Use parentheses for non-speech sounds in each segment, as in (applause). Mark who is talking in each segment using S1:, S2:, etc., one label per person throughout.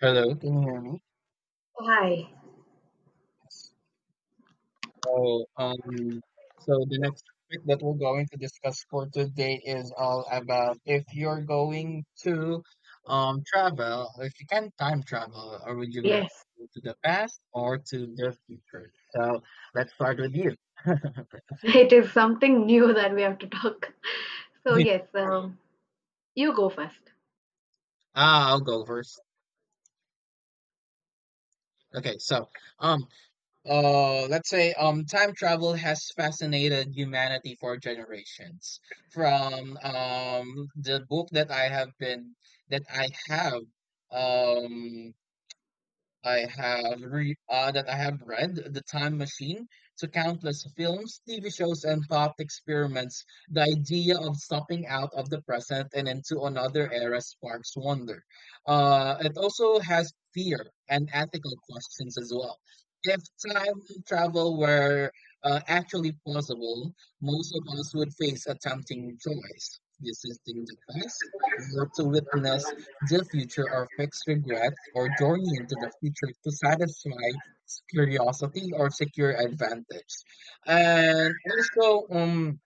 S1: Hello. Can you hear me?
S2: Hi.
S1: Yes. So, um, so the next topic that we're going to discuss for today is all about if you're going to travel, if you can time travel, or would you rather
S2: Yes,
S1: go to the past or to the future? So let's start with you. (laughs)
S2: (laughs) it is something new that we have to talk. So yes, you go first.
S1: I'll go first. Okay, so um, let's say time travel has fascinated humanity for generations. From the book that I have been that um, I have re- that I have read The Time Machine to countless films, TV shows, and thought experiments. The idea of stepping out of the present and into another era sparks wonder. It also has fear and ethical questions as well. If time travel were actually possible, most of us would face a tempting choice: resisting the past or to witness the future are fixed regrets or journey into the future to satisfy curiosity or secure advantage. And also,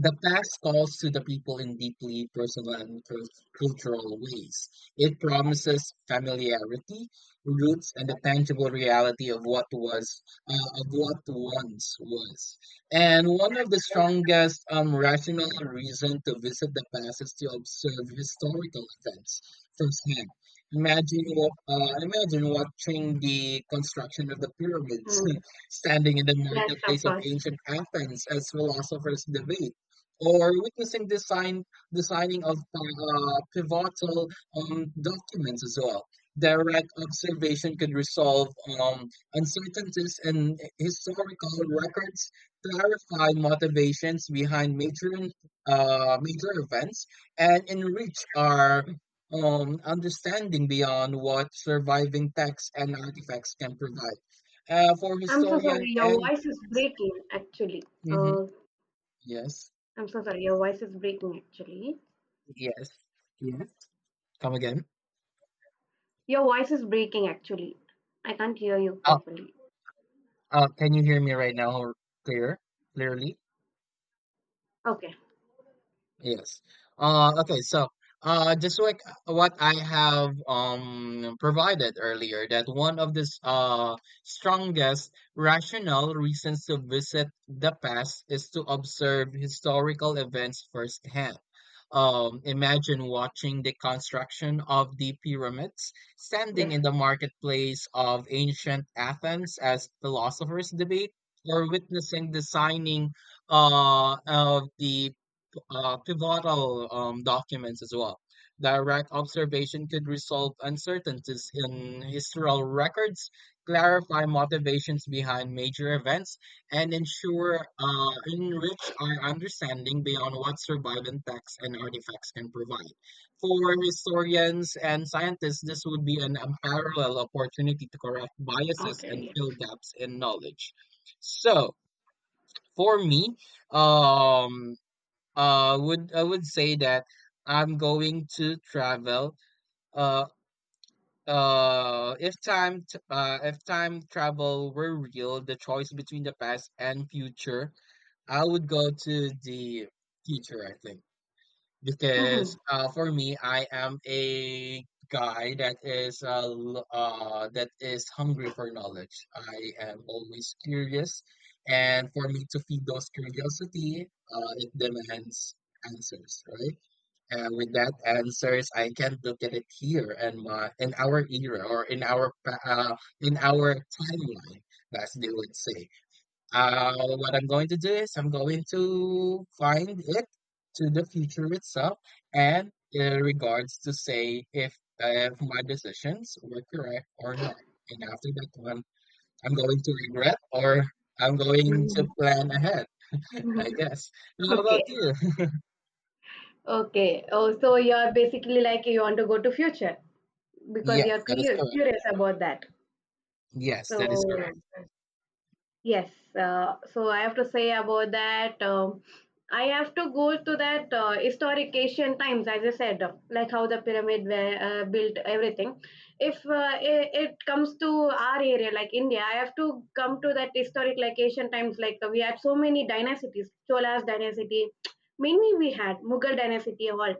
S1: the past calls to the people in deeply personal and cultural ways. It promises familiarity, roots, and the tangible reality of what was, of what once was. And one of the strongest rational reason to visit the past is to observe historical events firsthand. Imagine watching the construction of the pyramids, (laughs)
S2: Mm,
S1: standing in the
S2: yes, of
S1: marketplace of
S2: course.
S1: ancient Athens as philosophers debate or witnessing the signing of pivotal documents as well. Direct observation could resolve um, uncertainties in historical records, clarify motivations behind major events, and enrich our understanding beyond what surviving texts and artifacts can provide. For
S2: I'm so
S1: historian
S2: sorry. Your
S1: and
S2: voice is breaking. Actually,
S1: Mhm.
S2: uh,
S1: Yes,
S2: I'm so sorry. Your voice is breaking. Actually,
S1: yes, yes. Come again.
S2: your voice is breaking. Actually, I can't hear you
S1: Uh,
S2: properly.
S1: can you hear me right now clear? Clearly?
S2: Okay.
S1: Yes. Okay, so just like what I have provided earlier, that one of the strongest rational reasons to visit the past is to observe historical events firsthand. Imagine watching the construction of the pyramids,
S2: Yes.
S1: standing in the marketplace of ancient Athens as philosophers debate, or witnessing the signing of the pivotal documents as well. Direct observation could resolve uncertainties in historical records, clarify motivations behind major events, and ensure enrich our understanding beyond what surviving texts and artifacts can provide. For historians and scientists, this would be an unparalleled opportunity to correct biases
S2: Okay.
S1: and fill
S2: Yes.
S1: gaps in knowledge. So, for me, um, would I would say that I'm going to travel uh if time travel were real the choice between the past and future, I would go to the future, I think,
S2: Mm-hmm.
S1: because for me, I am a guy that that is hungry for knowledge. I am always curious, and for me to feed those curiosity, it demands answers, right? With that answers, I can look at it here and my in our era or in our in our timeline, as they would say. uh, what I'm going to do is I'm going to find it to the future itself, and in regards to say if my decisions were correct or not, and after that one, I'm going to regret or I'm going to
S2: (laughs)
S1: plan ahead (laughs)
S2: Mhm.
S1: I guess. How
S2: Okay.
S1: about you?
S2: Okay. Oh, so you're basically like you want to go to future
S1: (laughs)
S2: because
S1: Yes,
S2: you're
S1: that is
S2: curious,
S1: correct.
S2: curious about that.
S1: Yes, that is
S2: So, yeah.
S1: correct.
S2: Yes, so I have to say about that. I have to go to that historic Asian times, as I said, like how the pyramid were built, everything. If it comes to our area, like India, I have to come to that historic, like Asian times. Like we had so many dynasties, Cholas dynasty, many we had Mughal dynasty, all.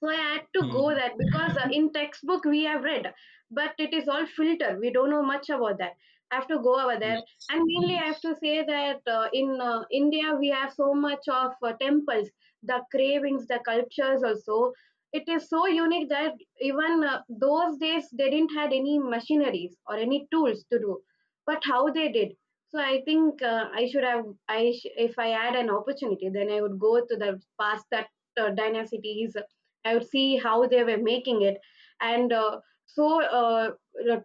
S2: So I had to go
S1: Mhm.
S2: there because in textbook we have read, but it is all filter. We don't know much about that. I have to go over there,
S1: Yes.
S2: and mainly I have to say that in India we have so much of temples, the cravings, the cultures also. It is so unique that even those days they didn't had any machineries or any tools to do, but how they did. So I think I should have. If I had an opportunity, then I would go to the past that dynasties, I would see how they were making it, and so uh,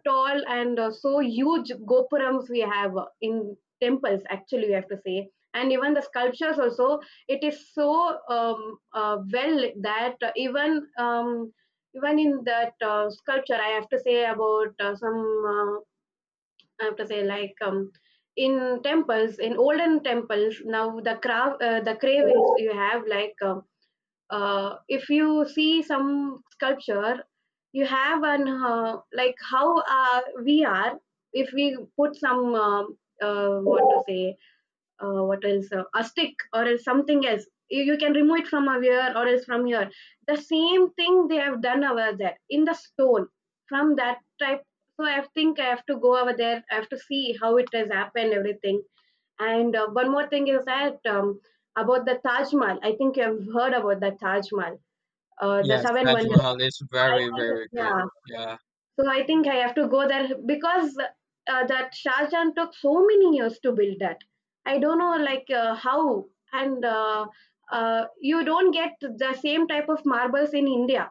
S2: tall and so huge gopurams we have in temples. Actually, we have to say, and even the sculptures also, it is so well that even in that sculpture, I have to say about some. Uh, I have to say like in temples, in olden temples now the craft the cravings you have like if you see some sculpture, you have an like how we are, if we put some what to say, what else, a stick or else something else, you can remove it from here or else from here, the same thing they have done over there in the stone, from that type. So I think I have to go over there. I have to see how it has happened, everything. And one more thing is that about the Taj Mahal, I think you have heard about the Taj Mahal, the
S1: Yes,
S2: seven
S1: Taj
S2: wonders.
S1: Mahal is
S2: So I
S1: very,
S2: think,
S1: very great.
S2: yeah.
S1: Yeah.
S2: So I think I have to go there because that Shahjahan took so many years to build that. I don't know like how, and you don't get the same type of marbles in India.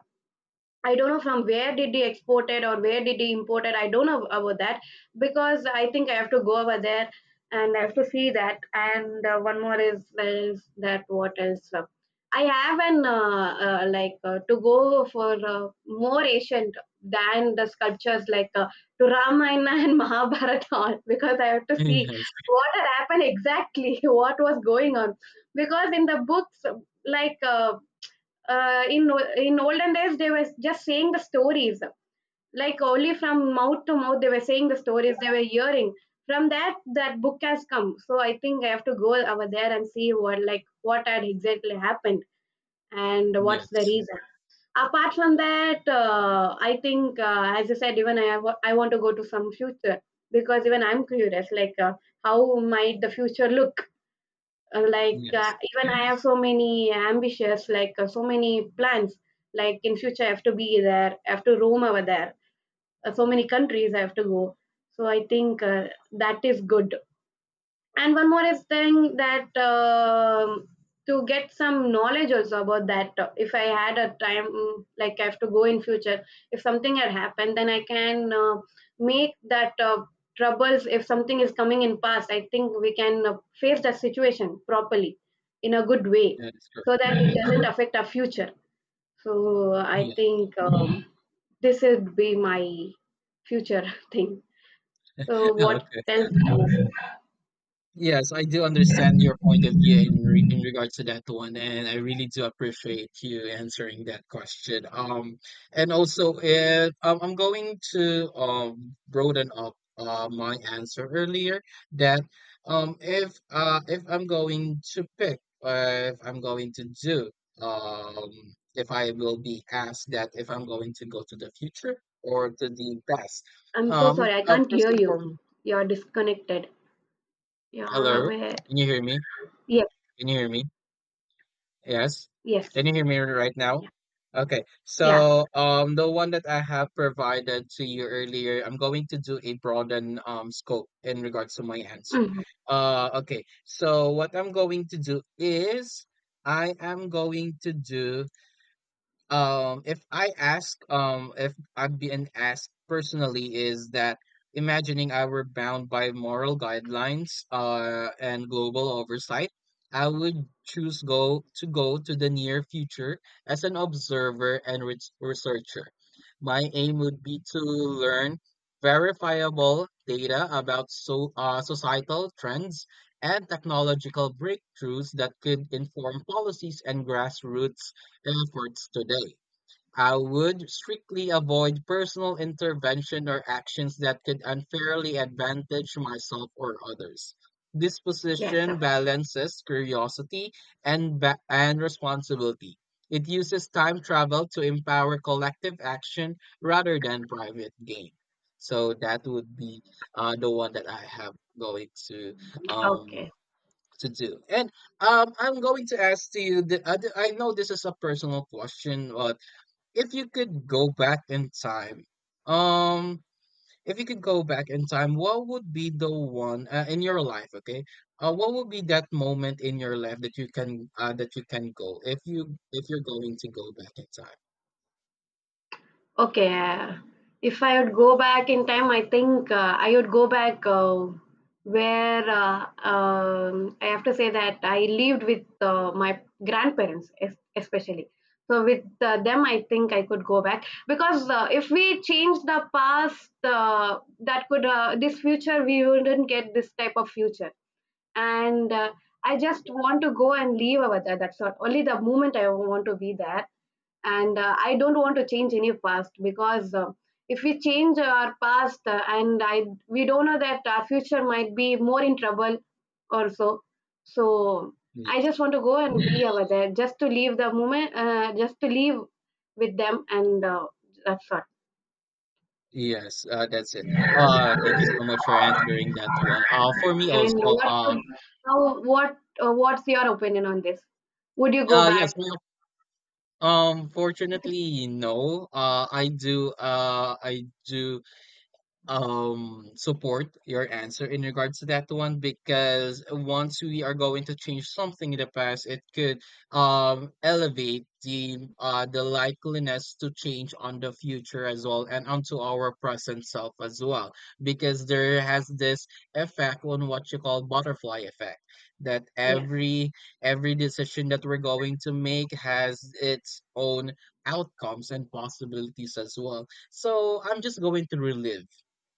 S2: I don't know from where did he export it or where did he import it. I don't know about that, because I think I have to go over there and I have to see that. And one more is that, what else? I have an to go for more ancient than the sculptures, like to Ramayana and (laughs) Mahabharata all, because I have to see
S1: (laughs)
S2: what had happened exactly, (laughs) what was going on. Because in the books, like. Uh, in in olden days they were just saying the stories, like only from mouth to mouth they were saying the stories they were hearing. From that book has come, so I think I have to go over there and see what, like what had exactly happened and
S1: Yes.
S2: what's the
S1: Yes.
S2: reason. Apart from that, I think as I said, I want to go to some future because even I'm curious, like how might the future look,
S1: Yes.
S2: even I have so many ambitions, like so many plans, like in future I have to be there, I have to roam over there, so many countries I have to go. So I think that is good. And one more is thing that to get some knowledge also about that. If I had a time, mm, like I have to go in future, if something had happened, then I can make that troubles. If something is coming in past, I think we can face that situation properly in a good way,
S1: That is correct.
S2: so that it doesn't affect our future. So I
S1: Yes.
S2: think this would be my future (laughs) thing. So
S1: (laughs)
S2: what
S1: Okay.
S2: else?
S1: Yes, I do understand your point of view in re in regards to that one, and I really do appreciate you answering that question. And also, if I'm going to broaden up my answer earlier that if I'm going to pick if I'm going to do um if I will be asked that if I'm going to go to the future or to the past,
S2: I'm so
S1: um
S2: sorry, I can't
S1: first
S2: hear
S1: and
S2: you.
S1: foremost,
S2: You're disconnected. You're
S1: hello,
S2: aware.
S1: can you hear me?
S2: Yes,
S1: Can you hear me? Yes.
S2: yes.
S1: Can you hear me right now?
S2: Yeah.
S1: Okay.
S2: Yeah.
S1: So, the one that I have provided to you earlier, I'm going to do a broaden scope in regards to my answer.
S2: Mhm.
S1: Okay. So what I'm going to do is I am going to do if I've been asked personally is that imagining I were bound by moral guidelines and global oversight, I would choose go to go to the near future as an observer and researcher. My aim would be to learn verifiable data about societal trends and technological breakthroughs that could inform policies and grassroots efforts today. I would strictly avoid personal intervention or actions that could unfairly advantage myself or others. This
S2: Yes, sir.
S1: position balances curiosity and responsibility. It uses time travel to empower collective action rather than private gain. So that would be the one that I have going um,
S2: Okay.
S1: to do. And I'm going to ask to you. I know this is a personal question, but if you could go back in time, um, if you could go back in time, what would be the one in your life? Okay, what would be that moment in your life that you can go if you if you're going to go back in time?
S2: Okay, if I would go back in time, I think I would go back where I have to say that I lived with my grandparents, especially. So with them, I think I could go back, because if we change the past, that could this future we wouldn't get this type of future, and I just want to go and leave over there. That's all. Only the moment I want to be there, and I don't want to change any past, because if we change our past and I we don't know that our future might be more in trouble also. So I
S1: Yes,
S2: just want to go and be (laughs) over there, just to leave the moment, just to leave with them, and that's all.
S1: yes, that's it. Thank you so much for answering that one. For me
S2: And
S1: also,
S2: what could how what what's your opinion on this? Would you go
S1: yes,
S2: back?
S1: my fortunately, no. I do support your answer in regards to that one, because once we are going to change something in the past it could elevate the likeliness to change on the future as well and onto our present self as well, because there has this effect on what you call butterfly effect, that
S2: Yes.
S1: every decision that we're going to make has its own outcomes and possibilities as well. So I'm just going to relive.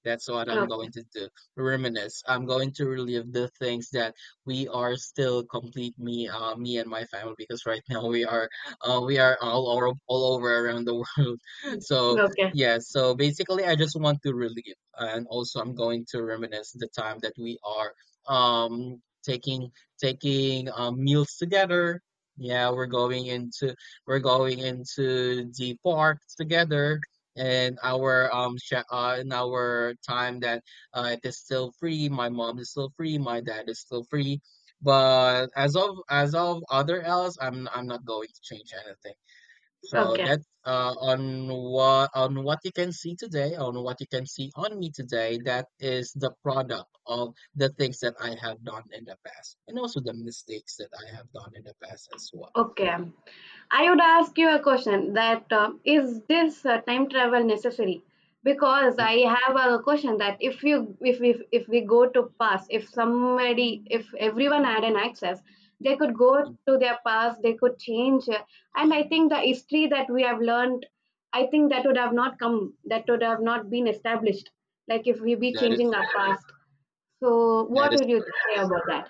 S1: That's what I'm
S2: Okay.
S1: going to do. Reminisce. I'm going to relive the things that we are still complete me, me and my family, because right (laughs) now we are all over around the world. (laughs) So
S2: Okay.
S1: yeah. So basically, I just want to relive, and also I'm going to reminisce the time that we are, um, taking taking meals together. Yeah, we're going into the park together in our in our time that it is still free, my mom is still free, my dad is still free. But as of, as of other else, I'm not going to change anything, so
S2: Okay.
S1: that's on what you can see today, on what you can see on me today, that is the product of the things that I have done in the past and also the mistakes that I have done in the past as well.
S2: Okay. I would ask you a question that is this time travel necessary? Because I
S1: Mm,
S2: have a question that if we go to past, if everyone had an access, they could go
S1: mm,
S2: to their past, they could change, and I think the history that we have learned, I think that would have not come, that would have not been established. Like if we be
S1: that
S2: changing
S1: is
S2: our past, so what would you
S1: correct.
S2: say about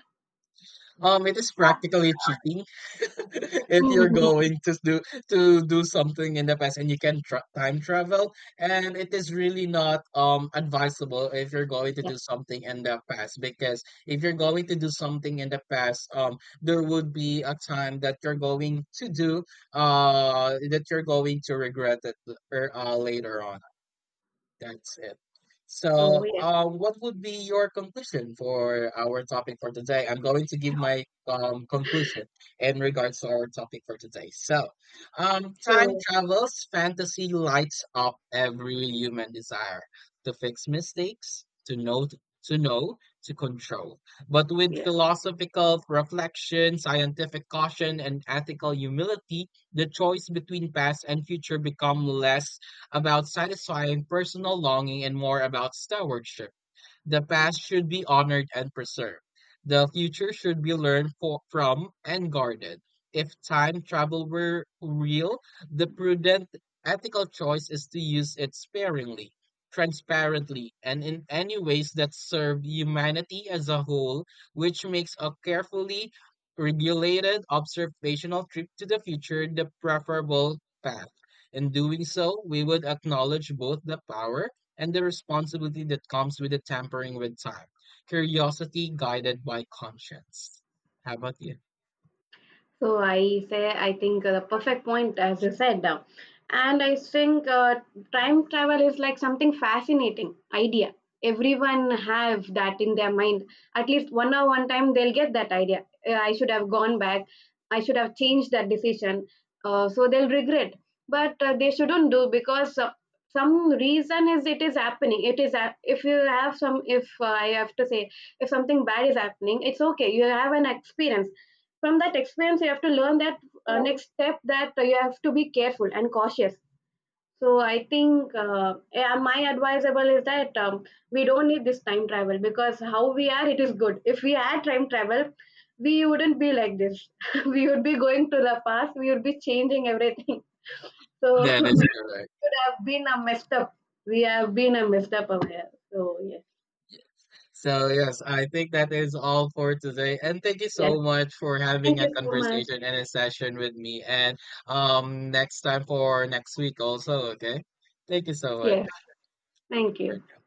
S1: It is practically cheating (laughs) if you're
S2: that? (laughs)
S1: going to do something in the past and you can tra time travel, and it is really not advisable if you're going to
S2: Yeah.
S1: do something in the past, because if you're going to do something in the past, there would be a time that you're going to do that you're going to regret it later on. That's it.
S2: So
S1: So,
S2: yeah.
S1: what would be your conclusion for our topic for today? I'm going to give my conclusion in regards to our topic for today. So, time
S2: So
S1: travels, fantasy lights up every human desire to fix mistakes, to know, to know, to control. But with
S2: yeah.
S1: philosophical reflection, scientific caution, and ethical humility, the choice between past and future become less about satisfying personal longing and more about stewardship. The past should be honored and preserved. The future should be learned for, from and guarded. If time travel were real, the prudent ethical choice is to use it sparingly, transparently, and in any ways that serve humanity as a whole, which makes a carefully regulated observational trip to the future the preferable path. In doing so, we would acknowledge both the power and the responsibility that comes with the tampering with time. Curiosity guided by conscience. How about you?
S2: So I say I think the perfect point as you said, and I think time travel is like something fascinating idea. Everyone have that in their mind. At least one or one time they'll get that idea. I should have gone back. I should have changed that decision. So they'll regret. But they shouldn't do because. Some reason is it is happening, if you have some, if I have to say, if something bad is happening, it's okay, you have an experience. From that experience you have to learn that next step, that you have to be careful and cautious. So I think yeah, my advisable is that we don't need this time travel, because how we are, it is good. If we had time travel, we wouldn't be like this. (laughs) We would be going to the past, we would be changing everything. (laughs) So (laughs)
S1: That is
S2: should
S1: correct.
S2: have been a messed up. We have been a messed up aware. So yes,
S1: So, yes, I think that is all for today. And thank you
S2: yes.
S1: so much for
S2: Thank
S1: having a
S2: you so much.
S1: conversation and a session with me. And next time for next week, also, okay? Thank you so much.
S2: Yes, thank you.
S1: For